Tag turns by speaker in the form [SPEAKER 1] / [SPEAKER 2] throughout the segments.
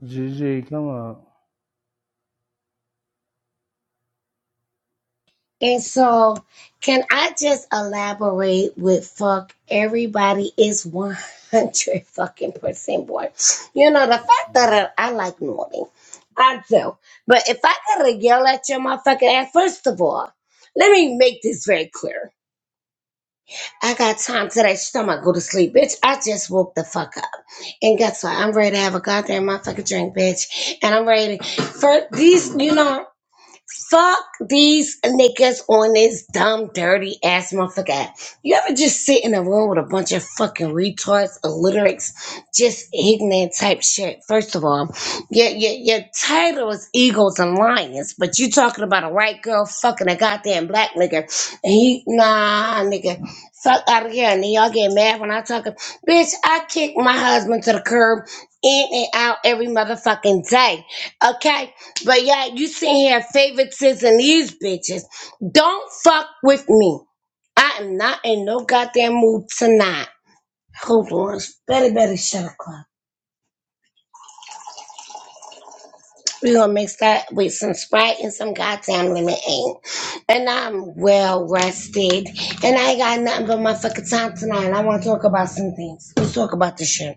[SPEAKER 1] Gigi, come on.
[SPEAKER 2] And so, can I just elaborate with fuck everybody is 100 fucking percent bored? You know, the fact that I, I like naughty, I do. But if I gotta yell at your motherfucking ass, first of all, let me make this very clear. I got time today. Shh, I'm She's gonna go to sleep, bitch. I just woke the fuck up. And guess what? I'm ready to have a goddamn motherfucking drink, bitch. And I'm ready. to, For these, you know. Fuck these niggas on this dumb, dirty ass motherfucker. You ever just sit in a room with a bunch of fucking retards, illiterates, just ignorant type shit? First of all, your, your, your title is Eagles and Lions, but you talking about a white girl fucking a goddamn black nigga. And he, nah, nigga, fuck out of here. And then y'all get mad when I talk. Bitch, I kick my husband to the curb in and out every motherfucking day. Okay? But yeah, you sitting here favoritism these bitches. Don't fuck with me. I am not in no goddamn mood tonight. Hold on. Better, better shut up, Club. We're gonna mix that with some Sprite and some goddamn lemonade. And I'm well rested. And I ain't got nothing but my fucking time tonight. And I wanna talk about some things. Let's talk about this shit.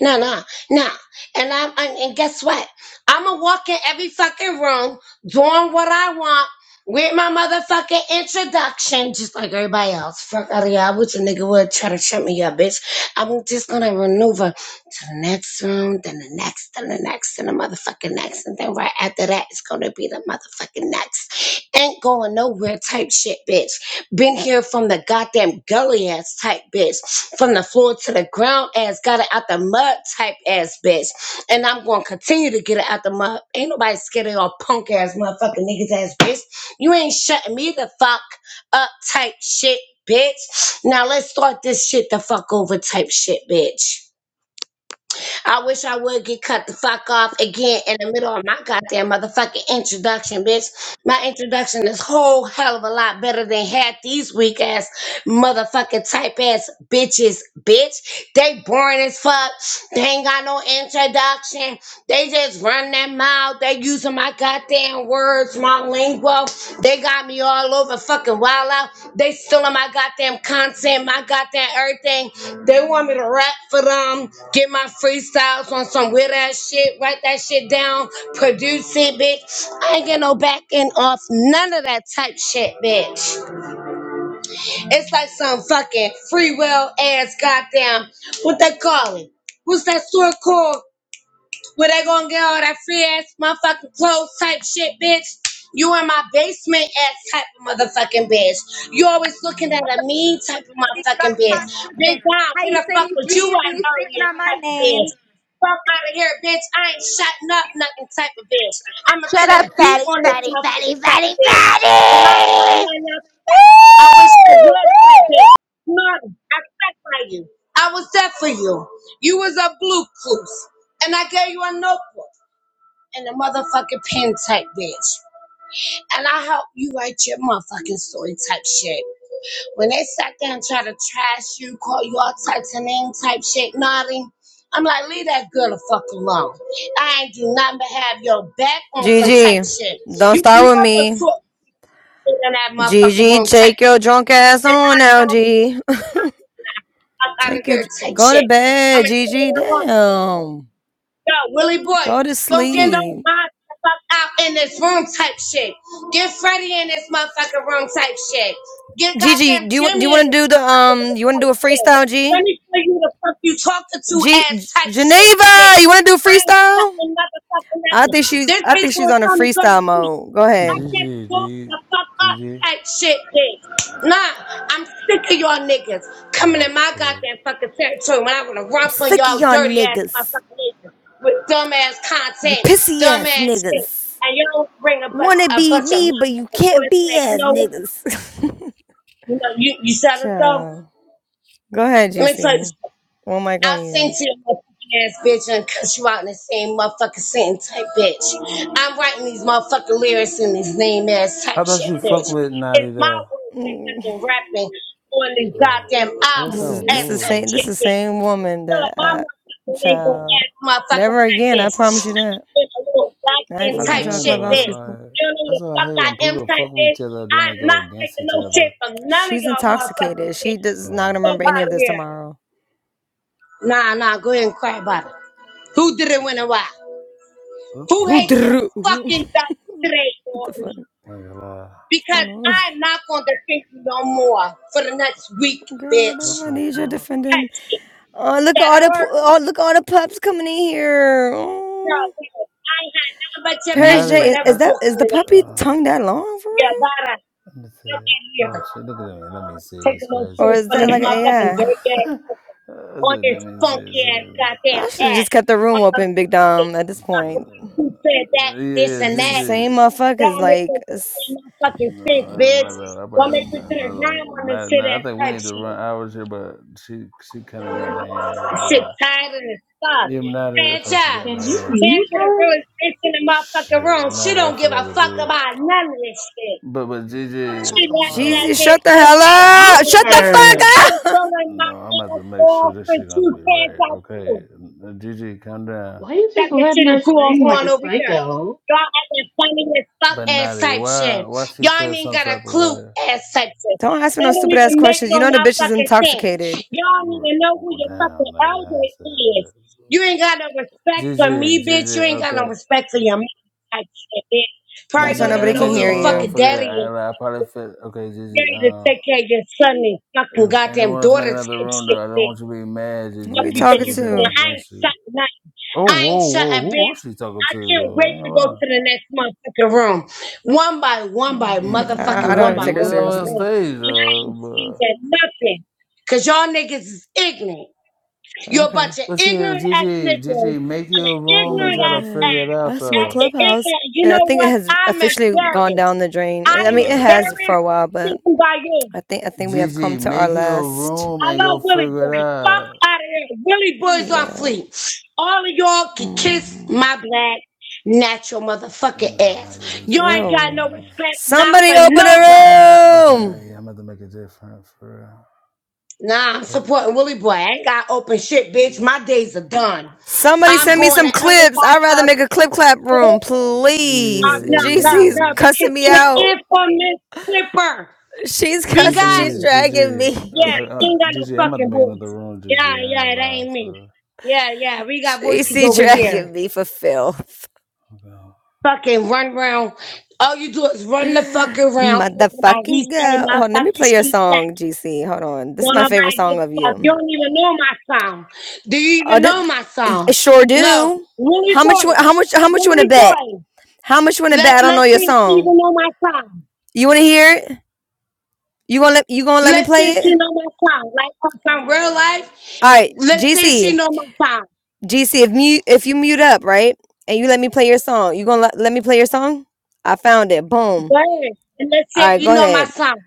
[SPEAKER 2] No, no, no. And I'm and, and guess what? I'ma walk in every fucking room doing what I want with my motherfucking introduction, just like everybody else. Fuck out of here. I wish a nigga would try to trip me up, bitch. I'm just gonna maneuver to the next room, then the next, then the next, then the motherfucking next, and then right after that it's gonna be the motherfucking next. Ain't going nowhere type shit, bitch. Been here from the goddamn gully ass type bitch. From the floor to the ground ass. Got it out the mud type ass bitch. And I'm going to continue to get it out the mud. Ain't nobody scared of your punk ass motherfucking niggas ass bitch. You ain't shutting me the fuck up type shit, bitch. Now let's start this shit the fuck over type shit, bitch. I wish I would get cut the fuck off again in the middle of my goddamn motherfucking introduction, bitch. My introduction is whole hell of a lot better than half these weak ass motherfucking type ass bitches, bitch. They boring as fuck. They ain't got no introduction. They just run their mouth. They using my goddamn words, my lingo. They got me all over fucking wild out. They stealing my goddamn content, my goddamn everything. They want me to rap for them, get my freestyles on some weird ass shit, write that shit down, produce it, bitch. I ain't get no backing off none of that type shit, bitch. It's like some fucking free will ass goddamn. What they call it? What's that store called? Where they gonna get all that free ass motherfucking clothes type shit, bitch? You in my basement ass type of motherfucking bitch. You always looking at a mean type of motherfucking bitch. Big Don,
[SPEAKER 3] How
[SPEAKER 2] where
[SPEAKER 3] you
[SPEAKER 2] the fuck
[SPEAKER 3] saying
[SPEAKER 2] was you
[SPEAKER 3] G
[SPEAKER 2] at
[SPEAKER 3] when you speaking
[SPEAKER 2] earlier
[SPEAKER 3] on my
[SPEAKER 2] type of
[SPEAKER 3] name?
[SPEAKER 2] bitch? Fuck out of here, bitch. I ain't shutting up nothing type of bitch. I'ma
[SPEAKER 3] Shut
[SPEAKER 2] put
[SPEAKER 3] up,
[SPEAKER 2] a beat
[SPEAKER 3] fatty,
[SPEAKER 2] on this
[SPEAKER 3] fatty, fatty,
[SPEAKER 2] motherfucking type
[SPEAKER 3] fatty,
[SPEAKER 2] bitch.
[SPEAKER 3] fatty!
[SPEAKER 2] And I ain't got
[SPEAKER 3] Woo!
[SPEAKER 2] nothing else to say. I wish I
[SPEAKER 3] Woo!
[SPEAKER 2] was that
[SPEAKER 3] Woo!
[SPEAKER 2] big. Mommy, I sacrifice you. I was there for you. You was a blue blueprint. And I gave you a notebook and a motherfucking pen type bitch. And I helped you write your motherfucking story type shit. When they sat there and tried to trash you, call you all types of names type shit, naughty. I'm like, leave that girl the fuck alone. I ain't do nothing but have your back on some type
[SPEAKER 4] Gigi,
[SPEAKER 2] shit.
[SPEAKER 4] don't
[SPEAKER 2] You
[SPEAKER 4] start with
[SPEAKER 2] never
[SPEAKER 4] me.
[SPEAKER 2] talk in that motherfucking
[SPEAKER 4] Gigi,
[SPEAKER 2] room type
[SPEAKER 4] take your drunk ass
[SPEAKER 2] shit.
[SPEAKER 4] on now, G.
[SPEAKER 2] i out of
[SPEAKER 4] Take your
[SPEAKER 2] here. Take
[SPEAKER 4] go to
[SPEAKER 2] shit. I'm
[SPEAKER 4] bed,
[SPEAKER 2] in
[SPEAKER 4] Gigi. Damn,
[SPEAKER 2] Yo, Willie boy,
[SPEAKER 4] go to
[SPEAKER 2] don't get no
[SPEAKER 4] sleep.
[SPEAKER 2] mind the fuck out in this room type shit. Get Freddie in this motherfucking room type shit. Get
[SPEAKER 4] Gigi,
[SPEAKER 2] goddamn
[SPEAKER 4] do you do you
[SPEAKER 2] Jimmy in
[SPEAKER 4] want to
[SPEAKER 2] this
[SPEAKER 4] do the
[SPEAKER 2] motherfucking
[SPEAKER 4] um?
[SPEAKER 2] room
[SPEAKER 4] You want to do
[SPEAKER 2] type
[SPEAKER 4] a
[SPEAKER 2] shit.
[SPEAKER 4] freestyle,
[SPEAKER 2] Let
[SPEAKER 4] G?
[SPEAKER 2] me show you the fuck you talking to
[SPEAKER 4] G
[SPEAKER 2] ass type shit, bitch.
[SPEAKER 4] Geneva, you want to do
[SPEAKER 2] I ain't
[SPEAKER 4] freestyle?
[SPEAKER 2] fucking motherfucking
[SPEAKER 4] I
[SPEAKER 2] nothing.
[SPEAKER 4] think she's
[SPEAKER 2] This
[SPEAKER 4] I
[SPEAKER 2] bitch
[SPEAKER 4] think she's
[SPEAKER 2] gonna
[SPEAKER 4] on a
[SPEAKER 2] tell me go to
[SPEAKER 4] freestyle
[SPEAKER 2] sleep.
[SPEAKER 4] mode. Go
[SPEAKER 2] I
[SPEAKER 4] ahead. I'm
[SPEAKER 2] can't
[SPEAKER 1] Gigi, do
[SPEAKER 2] go the
[SPEAKER 1] you,
[SPEAKER 2] fuck up
[SPEAKER 1] GG?
[SPEAKER 2] type shit, bitch. Nah, I'm sick of y'all niggas coming
[SPEAKER 1] Oh,
[SPEAKER 2] in my
[SPEAKER 1] shit.
[SPEAKER 2] goddamn fucking territory when I wanna run from
[SPEAKER 4] sick of
[SPEAKER 2] y'all
[SPEAKER 4] y'all
[SPEAKER 2] dirty ass
[SPEAKER 4] niggas.
[SPEAKER 2] motherfucking niggas with dumb ass
[SPEAKER 4] You
[SPEAKER 2] content,
[SPEAKER 4] pissy
[SPEAKER 2] dumb
[SPEAKER 4] ass
[SPEAKER 2] ass shit,
[SPEAKER 4] niggas.
[SPEAKER 2] and y'all bring a bunch
[SPEAKER 4] Wanna
[SPEAKER 2] a
[SPEAKER 4] be
[SPEAKER 2] bunch of
[SPEAKER 4] me, but you
[SPEAKER 2] motherfucking
[SPEAKER 4] can't
[SPEAKER 2] bullshit.
[SPEAKER 4] be
[SPEAKER 2] You
[SPEAKER 4] ass
[SPEAKER 2] know what?
[SPEAKER 4] niggas.
[SPEAKER 2] You know you you said it go.
[SPEAKER 4] Ciao. Go ahead,
[SPEAKER 2] Let me tell you.
[SPEAKER 4] GC. One mic on
[SPEAKER 2] I'll send
[SPEAKER 4] you.
[SPEAKER 2] you a motherfucking ass bitch and cut you out in the same motherfucking sentence type bitch. I'm writing these motherfucking lyrics in this name ass
[SPEAKER 1] I
[SPEAKER 2] type
[SPEAKER 1] thought
[SPEAKER 2] shit
[SPEAKER 1] you fuck
[SPEAKER 2] bitch.
[SPEAKER 1] with Naughty,
[SPEAKER 2] It's my
[SPEAKER 1] though.
[SPEAKER 2] words they
[SPEAKER 4] Mm,
[SPEAKER 2] fucking rapping on these
[SPEAKER 1] Uh,
[SPEAKER 2] goddamn
[SPEAKER 1] I thought that
[SPEAKER 4] This
[SPEAKER 2] albums
[SPEAKER 1] was
[SPEAKER 4] is
[SPEAKER 2] ass
[SPEAKER 4] this is
[SPEAKER 2] type
[SPEAKER 4] same
[SPEAKER 1] cool.
[SPEAKER 2] shit
[SPEAKER 4] this is
[SPEAKER 2] bitch.
[SPEAKER 4] same woman
[SPEAKER 2] So
[SPEAKER 4] that
[SPEAKER 2] my
[SPEAKER 4] I
[SPEAKER 2] motherfucking name label
[SPEAKER 4] child.
[SPEAKER 2] ass motherfucking
[SPEAKER 4] Never
[SPEAKER 2] type
[SPEAKER 4] again, I
[SPEAKER 2] bitch.
[SPEAKER 4] promise you that.
[SPEAKER 2] I'm a little
[SPEAKER 4] I ain't
[SPEAKER 2] goddamn
[SPEAKER 1] I'm
[SPEAKER 4] fucking with
[SPEAKER 2] type
[SPEAKER 4] y'all
[SPEAKER 1] saying,
[SPEAKER 2] shit
[SPEAKER 4] clubhouse
[SPEAKER 1] though,
[SPEAKER 2] bitch.
[SPEAKER 4] people.
[SPEAKER 1] like,
[SPEAKER 2] You don't know who
[SPEAKER 1] that's
[SPEAKER 2] the
[SPEAKER 1] what I
[SPEAKER 2] fuck
[SPEAKER 1] hate
[SPEAKER 2] I
[SPEAKER 1] when
[SPEAKER 2] am
[SPEAKER 1] people
[SPEAKER 2] type
[SPEAKER 1] fuck with
[SPEAKER 2] bitch.
[SPEAKER 1] each other, then
[SPEAKER 2] I'm
[SPEAKER 1] they go
[SPEAKER 2] not
[SPEAKER 1] against
[SPEAKER 2] taking
[SPEAKER 1] each
[SPEAKER 2] no shit
[SPEAKER 1] other.
[SPEAKER 2] from none of
[SPEAKER 4] She's
[SPEAKER 2] y'all motherfucking
[SPEAKER 4] intoxicated. She
[SPEAKER 2] bitch.
[SPEAKER 4] does not
[SPEAKER 1] Uh,
[SPEAKER 4] gonna
[SPEAKER 2] Fuck
[SPEAKER 4] remember any
[SPEAKER 2] out
[SPEAKER 4] of
[SPEAKER 2] of
[SPEAKER 4] this
[SPEAKER 2] here.
[SPEAKER 4] tomorrow.
[SPEAKER 2] Nah, nah, go ahead and cry about it. Who did it when and why?
[SPEAKER 1] what
[SPEAKER 2] Who
[SPEAKER 1] the
[SPEAKER 4] Who
[SPEAKER 2] hates
[SPEAKER 1] fuck?
[SPEAKER 2] your
[SPEAKER 4] dr-
[SPEAKER 2] fucking guts today,
[SPEAKER 4] what the fuck?
[SPEAKER 2] Courtney?
[SPEAKER 4] is
[SPEAKER 1] Like, uh,
[SPEAKER 2] Because
[SPEAKER 4] Going on?
[SPEAKER 2] I'm not going to think you no more for the next week,
[SPEAKER 4] Girl,
[SPEAKER 2] bitch.
[SPEAKER 4] none of
[SPEAKER 1] what
[SPEAKER 4] my
[SPEAKER 1] the
[SPEAKER 4] needs are
[SPEAKER 1] fuck?
[SPEAKER 2] Touch
[SPEAKER 4] defending.
[SPEAKER 2] it.
[SPEAKER 4] Oh, look at
[SPEAKER 2] That
[SPEAKER 4] all
[SPEAKER 2] I
[SPEAKER 4] the pu-
[SPEAKER 2] work?
[SPEAKER 4] oh, look at all the pups coming in here.
[SPEAKER 2] No,
[SPEAKER 4] Oh.
[SPEAKER 2] wait. I ain't had nothing but your back.
[SPEAKER 4] Paris
[SPEAKER 2] You
[SPEAKER 4] J,
[SPEAKER 2] would
[SPEAKER 1] Naughty,
[SPEAKER 4] is,
[SPEAKER 2] never
[SPEAKER 1] uh,
[SPEAKER 4] is that
[SPEAKER 2] talk
[SPEAKER 4] is
[SPEAKER 2] to
[SPEAKER 4] the
[SPEAKER 2] me
[SPEAKER 4] puppy
[SPEAKER 2] like
[SPEAKER 1] uh,
[SPEAKER 2] that.
[SPEAKER 4] tongue that long for
[SPEAKER 2] Yeah,
[SPEAKER 4] real,
[SPEAKER 2] bye.
[SPEAKER 1] let me
[SPEAKER 2] Okay,
[SPEAKER 1] see.
[SPEAKER 2] yeah.
[SPEAKER 1] Oh, shit, look at me. Let me see.
[SPEAKER 2] taking
[SPEAKER 1] It's
[SPEAKER 2] no
[SPEAKER 1] crazy.
[SPEAKER 4] or
[SPEAKER 2] shit
[SPEAKER 4] is
[SPEAKER 2] from
[SPEAKER 4] that
[SPEAKER 2] these
[SPEAKER 4] like an
[SPEAKER 2] motherfucking
[SPEAKER 4] AI?
[SPEAKER 2] dirty ass
[SPEAKER 1] I
[SPEAKER 2] on
[SPEAKER 1] said,
[SPEAKER 2] this
[SPEAKER 1] let me see.
[SPEAKER 2] funky
[SPEAKER 1] It's
[SPEAKER 2] ass
[SPEAKER 1] crazy.
[SPEAKER 2] goddamn
[SPEAKER 4] I should have
[SPEAKER 2] ass.
[SPEAKER 4] just kept the room
[SPEAKER 2] On the
[SPEAKER 4] open, Big
[SPEAKER 2] shit,
[SPEAKER 4] Dom. At this
[SPEAKER 2] talk
[SPEAKER 4] point,
[SPEAKER 2] about who
[SPEAKER 1] For-
[SPEAKER 2] said that,
[SPEAKER 1] yeah,
[SPEAKER 2] this
[SPEAKER 1] yeah,
[SPEAKER 2] and
[SPEAKER 4] it's the
[SPEAKER 2] that.
[SPEAKER 1] Gigi.
[SPEAKER 4] same motherfuckers.
[SPEAKER 2] Y'all make
[SPEAKER 4] Like,
[SPEAKER 2] no goddamn
[SPEAKER 4] it's-
[SPEAKER 2] motherfucking
[SPEAKER 1] No,
[SPEAKER 2] sense,
[SPEAKER 1] I don't
[SPEAKER 2] bitch.
[SPEAKER 1] matter. I probably
[SPEAKER 2] Y'all
[SPEAKER 1] had
[SPEAKER 2] make me put a
[SPEAKER 1] another
[SPEAKER 2] rhyme
[SPEAKER 1] one.
[SPEAKER 2] on this
[SPEAKER 1] Not,
[SPEAKER 2] shit
[SPEAKER 1] not. I
[SPEAKER 2] ass
[SPEAKER 1] think we
[SPEAKER 2] type
[SPEAKER 1] need to run
[SPEAKER 2] shit.
[SPEAKER 1] hours here, but she she kind of got out of hand. I ain't gonna
[SPEAKER 2] Shit
[SPEAKER 1] lie.
[SPEAKER 2] tired as fuck.
[SPEAKER 1] Even Nadi, I think she got
[SPEAKER 2] Franchise.
[SPEAKER 1] out of
[SPEAKER 5] Can you
[SPEAKER 1] hand.
[SPEAKER 2] Chance
[SPEAKER 5] mute
[SPEAKER 2] to the
[SPEAKER 5] her?
[SPEAKER 2] realest bitch in the motherfucking
[SPEAKER 1] Shit,
[SPEAKER 2] room. She
[SPEAKER 1] Nadi, I
[SPEAKER 2] don't give
[SPEAKER 1] forgot
[SPEAKER 2] a
[SPEAKER 1] to
[SPEAKER 2] fuck
[SPEAKER 1] do.
[SPEAKER 2] about none of this shit.
[SPEAKER 1] But but Gigi,
[SPEAKER 6] what's
[SPEAKER 2] She
[SPEAKER 6] going
[SPEAKER 2] laughed
[SPEAKER 1] hold
[SPEAKER 6] on.
[SPEAKER 2] and I
[SPEAKER 4] Jeezy,
[SPEAKER 1] on.
[SPEAKER 2] said,
[SPEAKER 4] shut the
[SPEAKER 2] just
[SPEAKER 4] hell
[SPEAKER 2] like I
[SPEAKER 4] up!
[SPEAKER 5] Mute
[SPEAKER 2] did
[SPEAKER 4] Shut the
[SPEAKER 5] her.
[SPEAKER 2] I'm
[SPEAKER 4] fuck up!
[SPEAKER 2] throwing
[SPEAKER 1] No,
[SPEAKER 2] my
[SPEAKER 1] I'm gonna have to
[SPEAKER 2] hands
[SPEAKER 1] make sure
[SPEAKER 2] off
[SPEAKER 1] this
[SPEAKER 2] for
[SPEAKER 1] shit gonna
[SPEAKER 2] two
[SPEAKER 1] have to be
[SPEAKER 2] pairs
[SPEAKER 1] right.
[SPEAKER 2] out
[SPEAKER 1] Okay,
[SPEAKER 2] too.
[SPEAKER 1] Gigi, calm down.
[SPEAKER 5] Why are you
[SPEAKER 2] That
[SPEAKER 5] just
[SPEAKER 2] the shit
[SPEAKER 5] letting
[SPEAKER 2] is
[SPEAKER 5] her
[SPEAKER 2] cool
[SPEAKER 5] scream like
[SPEAKER 2] on
[SPEAKER 5] a
[SPEAKER 2] over here.
[SPEAKER 5] psycho?
[SPEAKER 2] Y'all at the funniest fuck
[SPEAKER 1] But
[SPEAKER 2] ass
[SPEAKER 1] Nadi,
[SPEAKER 2] type
[SPEAKER 1] why
[SPEAKER 2] shit.
[SPEAKER 1] why she
[SPEAKER 2] Y'all ain't
[SPEAKER 1] feel
[SPEAKER 2] even
[SPEAKER 1] some
[SPEAKER 2] got a
[SPEAKER 1] type of
[SPEAKER 2] clue
[SPEAKER 1] way?
[SPEAKER 2] ass type shit.
[SPEAKER 4] Don't ask me
[SPEAKER 2] That
[SPEAKER 4] no
[SPEAKER 2] don't
[SPEAKER 4] stupid
[SPEAKER 2] even
[SPEAKER 4] ass
[SPEAKER 2] make
[SPEAKER 4] questions. You
[SPEAKER 2] no
[SPEAKER 4] know the bitch is
[SPEAKER 2] motherfucking sense.
[SPEAKER 4] intoxicated.
[SPEAKER 2] Y'all don't
[SPEAKER 1] R-
[SPEAKER 2] even know who your
[SPEAKER 1] Damn,
[SPEAKER 2] fucking
[SPEAKER 1] Nadi, I
[SPEAKER 2] elder
[SPEAKER 1] ain't said
[SPEAKER 2] is.
[SPEAKER 1] that.
[SPEAKER 2] You ain't got no respect for
[SPEAKER 1] Gigi,
[SPEAKER 2] me, bitch. You
[SPEAKER 1] Gigi,
[SPEAKER 2] ain't got no
[SPEAKER 1] okay.
[SPEAKER 2] respect for your mom type shit, bitch. Probably
[SPEAKER 4] That's why
[SPEAKER 1] Gigi,
[SPEAKER 2] don't
[SPEAKER 1] I
[SPEAKER 2] even
[SPEAKER 4] nobody
[SPEAKER 1] didn't
[SPEAKER 4] can
[SPEAKER 2] know
[SPEAKER 1] make
[SPEAKER 2] who
[SPEAKER 1] a
[SPEAKER 4] hear
[SPEAKER 2] your
[SPEAKER 1] room
[SPEAKER 2] fucking
[SPEAKER 4] you.
[SPEAKER 1] for that.
[SPEAKER 2] daddy
[SPEAKER 1] I
[SPEAKER 2] is
[SPEAKER 1] ain't gonna lie, I probably fit. Okay, Gigi.
[SPEAKER 2] daddy to
[SPEAKER 1] um,
[SPEAKER 2] take care of your son and fucking
[SPEAKER 1] if
[SPEAKER 2] goddamn
[SPEAKER 1] anyone else make
[SPEAKER 2] daughter
[SPEAKER 1] another
[SPEAKER 2] type
[SPEAKER 1] room though,
[SPEAKER 2] shit,
[SPEAKER 1] I don't
[SPEAKER 2] bitch.
[SPEAKER 1] want you to be mad,
[SPEAKER 4] Who
[SPEAKER 1] Gigi,
[SPEAKER 2] Fuck
[SPEAKER 4] are you
[SPEAKER 1] and
[SPEAKER 2] you
[SPEAKER 1] make
[SPEAKER 2] think
[SPEAKER 4] talking
[SPEAKER 2] you
[SPEAKER 1] somebody trying to
[SPEAKER 2] doing?
[SPEAKER 1] go
[SPEAKER 4] to?
[SPEAKER 2] I ain't
[SPEAKER 1] against you.
[SPEAKER 2] shutting up.
[SPEAKER 1] Oh,
[SPEAKER 2] I ain't
[SPEAKER 1] whoa, whoa,
[SPEAKER 2] shutting,
[SPEAKER 1] who
[SPEAKER 2] bitch.
[SPEAKER 1] was she talking
[SPEAKER 2] I
[SPEAKER 1] to
[SPEAKER 2] can't
[SPEAKER 1] though? I
[SPEAKER 2] wait
[SPEAKER 1] ain't gonna
[SPEAKER 2] to go to
[SPEAKER 1] lie.
[SPEAKER 2] the next motherfucking room. One by one
[SPEAKER 4] Um,
[SPEAKER 2] by
[SPEAKER 1] N-
[SPEAKER 4] I,
[SPEAKER 2] motherfucking
[SPEAKER 4] I don't
[SPEAKER 1] Nah,
[SPEAKER 2] one
[SPEAKER 4] even
[SPEAKER 2] by
[SPEAKER 1] you
[SPEAKER 4] take
[SPEAKER 1] be
[SPEAKER 4] her
[SPEAKER 2] one by
[SPEAKER 1] on the
[SPEAKER 4] seriously.
[SPEAKER 2] one.
[SPEAKER 1] stage
[SPEAKER 2] And I ain't seen
[SPEAKER 1] though,
[SPEAKER 2] that nothing. Cause y'all niggas is ignorant. You're a
[SPEAKER 4] Okay.
[SPEAKER 2] bunch of
[SPEAKER 1] but, but shit,
[SPEAKER 2] ignorant ass
[SPEAKER 1] Gigi,
[SPEAKER 2] niggas on
[SPEAKER 1] Gigi, make
[SPEAKER 2] an
[SPEAKER 1] your room and
[SPEAKER 2] ignorant
[SPEAKER 4] Oh
[SPEAKER 1] try to
[SPEAKER 2] ass
[SPEAKER 4] man,
[SPEAKER 1] figure it
[SPEAKER 4] I
[SPEAKER 1] out
[SPEAKER 4] swear,
[SPEAKER 2] ass
[SPEAKER 1] though.
[SPEAKER 2] after
[SPEAKER 4] Clubhouse.
[SPEAKER 2] ignorant. You
[SPEAKER 4] I
[SPEAKER 2] know
[SPEAKER 4] think it
[SPEAKER 2] what?
[SPEAKER 4] has
[SPEAKER 2] I'm
[SPEAKER 4] officially gone
[SPEAKER 2] embarrassed.
[SPEAKER 4] down the drain.
[SPEAKER 2] I
[SPEAKER 4] I
[SPEAKER 2] am
[SPEAKER 4] mean, it has
[SPEAKER 1] Right.
[SPEAKER 4] for
[SPEAKER 2] embarrassed
[SPEAKER 4] a while, but
[SPEAKER 2] thinking by you.
[SPEAKER 4] I think I think we have come
[SPEAKER 1] Gigi,
[SPEAKER 4] to our
[SPEAKER 1] make your
[SPEAKER 4] last.
[SPEAKER 1] room
[SPEAKER 2] I
[SPEAKER 1] and
[SPEAKER 2] love
[SPEAKER 1] go
[SPEAKER 2] Willie
[SPEAKER 1] figure
[SPEAKER 2] Boy.
[SPEAKER 1] it
[SPEAKER 2] Fuck
[SPEAKER 1] out.
[SPEAKER 2] out of here. Willie Boy's on
[SPEAKER 4] Yeah.
[SPEAKER 2] fleek. All of y'all can kiss
[SPEAKER 4] mhm.
[SPEAKER 2] my black natural motherfucking
[SPEAKER 1] Nah, I'm gonna have to
[SPEAKER 2] ass.
[SPEAKER 1] do
[SPEAKER 2] Y'all
[SPEAKER 1] something
[SPEAKER 2] ain't got no
[SPEAKER 4] Ew.
[SPEAKER 1] different.
[SPEAKER 2] respect, not
[SPEAKER 4] Somebody
[SPEAKER 2] for
[SPEAKER 4] open
[SPEAKER 2] nobody.
[SPEAKER 4] a
[SPEAKER 1] Okay,
[SPEAKER 4] room.
[SPEAKER 1] yeah, I'm about to make it different for
[SPEAKER 2] Nah, I'm supporting Willie Boy. I ain't got open shit,
[SPEAKER 1] Uh,
[SPEAKER 2] bitch. My days are done.
[SPEAKER 4] Somebody
[SPEAKER 2] I'm
[SPEAKER 4] send me
[SPEAKER 2] going
[SPEAKER 4] some
[SPEAKER 2] to
[SPEAKER 4] clips.
[SPEAKER 2] everybody
[SPEAKER 4] I'd rather
[SPEAKER 2] else.
[SPEAKER 4] make a clip clap room,
[SPEAKER 2] Uh,
[SPEAKER 1] yeah,
[SPEAKER 4] please.
[SPEAKER 2] no,
[SPEAKER 1] yeah, yeah,
[SPEAKER 2] no,
[SPEAKER 4] GC's
[SPEAKER 1] yeah.
[SPEAKER 2] no, because
[SPEAKER 4] cussing me
[SPEAKER 2] she the
[SPEAKER 4] out.
[SPEAKER 2] infamous flipper.
[SPEAKER 4] She's
[SPEAKER 2] We
[SPEAKER 1] GG,
[SPEAKER 4] cussing.
[SPEAKER 2] got
[SPEAKER 4] She's
[SPEAKER 2] it.
[SPEAKER 4] dragging
[SPEAKER 1] GG,
[SPEAKER 4] me.
[SPEAKER 1] uh,
[SPEAKER 2] Yeah,
[SPEAKER 1] like,
[SPEAKER 2] she
[SPEAKER 1] uh,
[SPEAKER 2] ain't got no
[SPEAKER 1] GG. I'm about to
[SPEAKER 2] fucking
[SPEAKER 1] make another
[SPEAKER 2] voice.
[SPEAKER 1] room, GG.
[SPEAKER 2] Yeah,
[SPEAKER 1] I ain't gonna
[SPEAKER 2] yeah, that
[SPEAKER 1] lie,
[SPEAKER 2] ain't me.
[SPEAKER 1] for,
[SPEAKER 2] Yeah, yeah, we got
[SPEAKER 1] for
[SPEAKER 2] voices
[SPEAKER 4] GC
[SPEAKER 2] over
[SPEAKER 1] real.
[SPEAKER 2] here.
[SPEAKER 4] dragging me for filth.
[SPEAKER 1] Okay.
[SPEAKER 2] fucking run round. All you do is run the fucking round. Talking about he
[SPEAKER 4] Motherfucking
[SPEAKER 2] say
[SPEAKER 4] girl.
[SPEAKER 2] my
[SPEAKER 4] Hold on, let me
[SPEAKER 2] fucking
[SPEAKER 4] play your
[SPEAKER 2] she say.
[SPEAKER 4] song, GC. Hold on. This is
[SPEAKER 2] Don't
[SPEAKER 4] my favorite
[SPEAKER 2] nobody give
[SPEAKER 4] song of
[SPEAKER 2] a fuck. You
[SPEAKER 4] you.
[SPEAKER 2] don't even know my song. Do you
[SPEAKER 4] Oh,
[SPEAKER 2] even
[SPEAKER 4] did,
[SPEAKER 2] know my song?
[SPEAKER 4] sure
[SPEAKER 2] No.
[SPEAKER 4] do.
[SPEAKER 2] Willie
[SPEAKER 4] How much?
[SPEAKER 2] Boy.
[SPEAKER 4] you- How much? How much you want to
[SPEAKER 2] Willie
[SPEAKER 4] bet?
[SPEAKER 2] Boy.
[SPEAKER 4] How much you want to bet?
[SPEAKER 2] Let,
[SPEAKER 4] I don't know
[SPEAKER 2] let's
[SPEAKER 4] your
[SPEAKER 2] see if she
[SPEAKER 4] song.
[SPEAKER 2] even know my song.
[SPEAKER 4] You want to hear it? You gonna let you gonna let me
[SPEAKER 2] Let's see
[SPEAKER 4] play
[SPEAKER 2] if she
[SPEAKER 4] it?
[SPEAKER 2] know my song. Like on some real life,
[SPEAKER 4] All right,
[SPEAKER 2] let's see if she
[SPEAKER 4] GC,
[SPEAKER 2] know my song.
[SPEAKER 4] GC, if mute if you mute up, right, and you let me play your song, you gonna let, let me play your song? I found it. Boom.
[SPEAKER 2] Go ahead. And let's see
[SPEAKER 4] All
[SPEAKER 2] if
[SPEAKER 4] right, go
[SPEAKER 2] you know my
[SPEAKER 4] ahead.
[SPEAKER 2] song.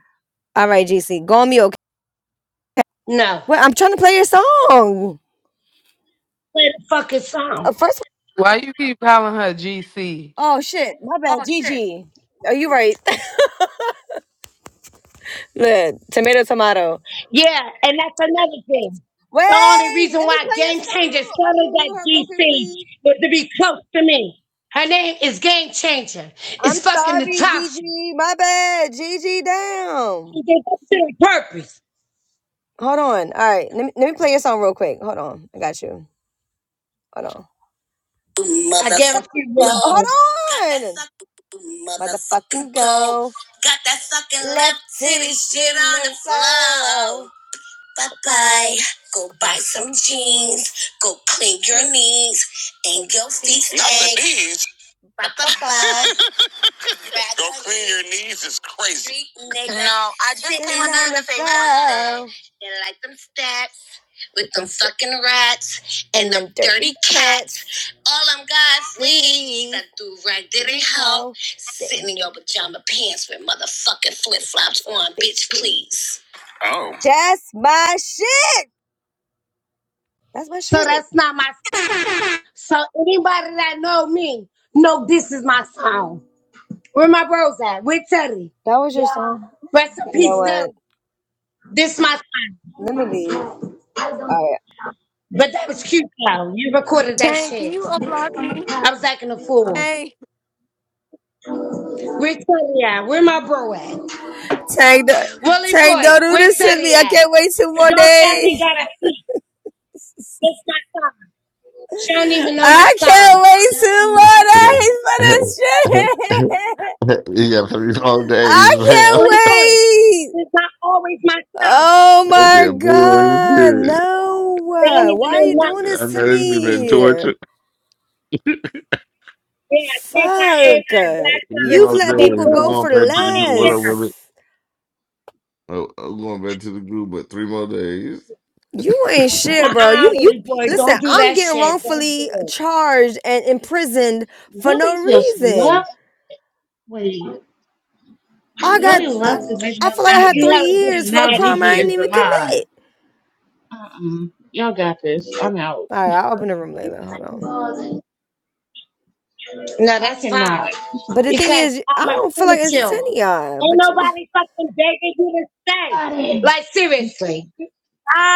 [SPEAKER 4] All right, GC, go on mute. Okay.
[SPEAKER 2] No.
[SPEAKER 4] Wait, I'm trying to play your song.
[SPEAKER 2] Play the fucking song.
[SPEAKER 4] Uh, First,
[SPEAKER 7] Why you keep calling her GC?
[SPEAKER 4] oh shit, my bad, GG. Are you right? Look, tomato, tomato.
[SPEAKER 2] Yeah, and that's another thing.
[SPEAKER 4] Wait,
[SPEAKER 2] The only reason
[SPEAKER 4] let me
[SPEAKER 2] why
[SPEAKER 4] play your
[SPEAKER 2] Game Changer
[SPEAKER 4] song. Can
[SPEAKER 2] started
[SPEAKER 4] you
[SPEAKER 2] that
[SPEAKER 4] mute her real quick,
[SPEAKER 2] GC
[SPEAKER 4] please?
[SPEAKER 2] was to be close to me. Her name is Game Changer.
[SPEAKER 4] I'm
[SPEAKER 2] It's fucking
[SPEAKER 4] sorry,
[SPEAKER 2] Natasha.
[SPEAKER 4] GG. My bad, GG. Down.
[SPEAKER 2] She did that shit on purpose.
[SPEAKER 4] Hold on. All right. Let me let me play your song real quick. Hold on. I got you. Hold on.
[SPEAKER 2] I guarantee you
[SPEAKER 4] Motherfucking go.
[SPEAKER 2] really
[SPEAKER 4] Hold
[SPEAKER 2] do.
[SPEAKER 4] on. Motherfucking go. Got that fucking left titty shit on the floor. Bye bye. Go buy some jeans. Go clean your knees and your feet. Bye bye. Go clean your knees is crazy. No, I just came another thing. They like them steps with them fucking rats and them dirty cats. All them guys leave that do right did it help. Sitting in your pajama pants with motherfucking flip flops on, bitch, please. Oh. That's my shit. That's my
[SPEAKER 2] So
[SPEAKER 4] shit.
[SPEAKER 2] that's not my. So anybody that know me know this is my song. Where my bros at? Where Teddy?
[SPEAKER 4] That was your
[SPEAKER 2] Yeah.
[SPEAKER 4] song.
[SPEAKER 2] Rest in
[SPEAKER 4] You know
[SPEAKER 2] peace, Derek.
[SPEAKER 4] what?
[SPEAKER 2] This my
[SPEAKER 4] Let me leave.
[SPEAKER 2] song.
[SPEAKER 4] All right.
[SPEAKER 2] But that was cute though. You recorded that
[SPEAKER 4] Tank,
[SPEAKER 2] shit. I was acting a fool.
[SPEAKER 4] Tank.
[SPEAKER 2] Where Teddy at? Where my bro at?
[SPEAKER 4] Tank, do-
[SPEAKER 2] Willie
[SPEAKER 4] Tank,
[SPEAKER 2] boy,
[SPEAKER 4] don't do
[SPEAKER 2] where
[SPEAKER 4] this to
[SPEAKER 2] Teddy
[SPEAKER 4] me. I
[SPEAKER 2] at?
[SPEAKER 4] can't wait two more
[SPEAKER 2] Y'all family
[SPEAKER 4] days.
[SPEAKER 2] gotta eat. It's my song. She don't even know my
[SPEAKER 4] I
[SPEAKER 2] song.
[SPEAKER 4] can't wait two more
[SPEAKER 8] you
[SPEAKER 4] days for this shit.
[SPEAKER 8] got three long
[SPEAKER 4] I
[SPEAKER 8] days, fam.
[SPEAKER 4] can't
[SPEAKER 2] Willie boy,
[SPEAKER 4] wait.
[SPEAKER 2] it's not always my song.
[SPEAKER 4] Oh my
[SPEAKER 8] That boo
[SPEAKER 4] God.
[SPEAKER 8] shit.
[SPEAKER 4] No.
[SPEAKER 2] They don't
[SPEAKER 4] uh,
[SPEAKER 2] even
[SPEAKER 4] Why are
[SPEAKER 2] know
[SPEAKER 4] you
[SPEAKER 2] nothing.
[SPEAKER 4] doing
[SPEAKER 8] I
[SPEAKER 4] this
[SPEAKER 8] know
[SPEAKER 4] to
[SPEAKER 8] this shit been
[SPEAKER 4] me?
[SPEAKER 8] torture.
[SPEAKER 2] Yeah, I think I ain't
[SPEAKER 4] Fuck.
[SPEAKER 2] that black
[SPEAKER 8] Three
[SPEAKER 2] out of
[SPEAKER 4] You've
[SPEAKER 8] more
[SPEAKER 2] this
[SPEAKER 4] let people
[SPEAKER 2] goddamn
[SPEAKER 8] days. I'm
[SPEAKER 4] go
[SPEAKER 2] room.
[SPEAKER 8] going
[SPEAKER 4] for
[SPEAKER 8] back to
[SPEAKER 2] I don't
[SPEAKER 8] the group. What
[SPEAKER 2] even
[SPEAKER 8] up
[SPEAKER 2] care.
[SPEAKER 8] with it?
[SPEAKER 4] less.
[SPEAKER 8] Oh, I'm going back to the group, but three more days.
[SPEAKER 4] You ain't shit, bro.
[SPEAKER 2] Uh-uh,
[SPEAKER 4] You you
[SPEAKER 2] Willie boy,
[SPEAKER 4] listen,
[SPEAKER 2] don't do
[SPEAKER 4] I'm
[SPEAKER 2] that
[SPEAKER 4] getting
[SPEAKER 2] shit. Don't do
[SPEAKER 4] wrongfully
[SPEAKER 2] it.
[SPEAKER 4] charged and imprisoned for no
[SPEAKER 5] Willie just
[SPEAKER 4] reason.
[SPEAKER 5] left. Wait,
[SPEAKER 4] I got
[SPEAKER 5] Willie
[SPEAKER 4] I,
[SPEAKER 5] left and made
[SPEAKER 4] I
[SPEAKER 5] another
[SPEAKER 4] feel like I
[SPEAKER 5] room,
[SPEAKER 4] had
[SPEAKER 2] You
[SPEAKER 4] 3
[SPEAKER 2] hella
[SPEAKER 4] years
[SPEAKER 5] and
[SPEAKER 4] for a
[SPEAKER 5] now
[SPEAKER 4] crime I
[SPEAKER 5] Gigi
[SPEAKER 4] didn't
[SPEAKER 5] is
[SPEAKER 4] even
[SPEAKER 5] the mod.
[SPEAKER 4] commit.
[SPEAKER 5] Uh-uh. Y'all got this. I'm out.
[SPEAKER 4] All right, I'll open the room later. Hold on.
[SPEAKER 2] disrespectful. No,
[SPEAKER 5] I
[SPEAKER 2] that's fine.
[SPEAKER 5] cannot.
[SPEAKER 4] But the thing
[SPEAKER 2] Because
[SPEAKER 4] is, I
[SPEAKER 2] I'm a
[SPEAKER 4] don't feel like
[SPEAKER 2] promise you.
[SPEAKER 4] entertaining y'all.
[SPEAKER 2] Ain't
[SPEAKER 4] But you,
[SPEAKER 2] nobody fucking begging you to stay.
[SPEAKER 5] Got
[SPEAKER 2] Like seriously.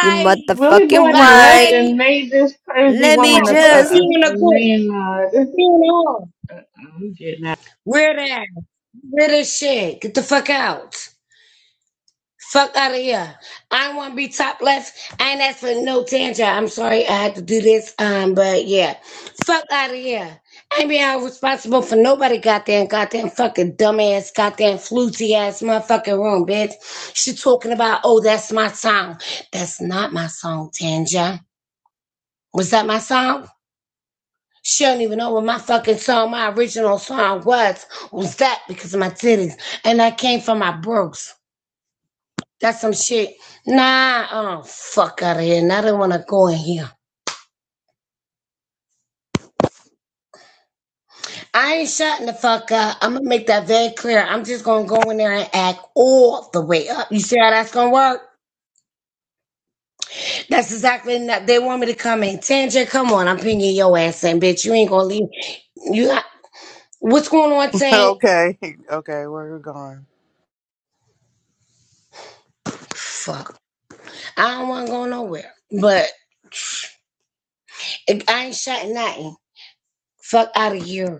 [SPEAKER 4] you
[SPEAKER 5] Willie Boyd
[SPEAKER 4] motherfucking
[SPEAKER 5] and left
[SPEAKER 4] right.
[SPEAKER 2] Bye.
[SPEAKER 5] and made this crazy
[SPEAKER 4] Let me
[SPEAKER 2] Yeah,
[SPEAKER 5] woman a,
[SPEAKER 2] we'll see
[SPEAKER 5] a,
[SPEAKER 4] just
[SPEAKER 5] a
[SPEAKER 2] you in a group.
[SPEAKER 5] man mod.
[SPEAKER 2] We'll see you in a hall.
[SPEAKER 5] I'm getting out.
[SPEAKER 2] Weird ass. Weird as shit. Get the fuck out. Fuck out of here. I want to be top left. I ain't asked for no tangent. I'm sorry I had to do this. Um, but yeah. Fuck out of here. I ain't being held responsible for nobody goddamn goddamn fucking dumbass goddamn fluty ass motherfucking room, bitch. She talking about, oh, that's my song. That's not my song, Tanja. Was that my song? She don't even know what my fucking song, my original song was. Was that because of my titties? And that came from my bros. That's some shit. Nah, oh fuck out of here. And I don't wanna go in here. I ain't shutting the fuck up. I'm gonna make that very clear. I'm just gonna go in there and act all the way up. You see how that's gonna work? That's exactly that they want me to come in. Tanja, come on, I'm pinging your ass in, bitch. You ain't gonna leave. You got what's going on, Tank?
[SPEAKER 6] okay, okay, where are we going?
[SPEAKER 2] Fuck. I don't wanna go nowhere. But I ain't shutting nothing. Fuck out of here.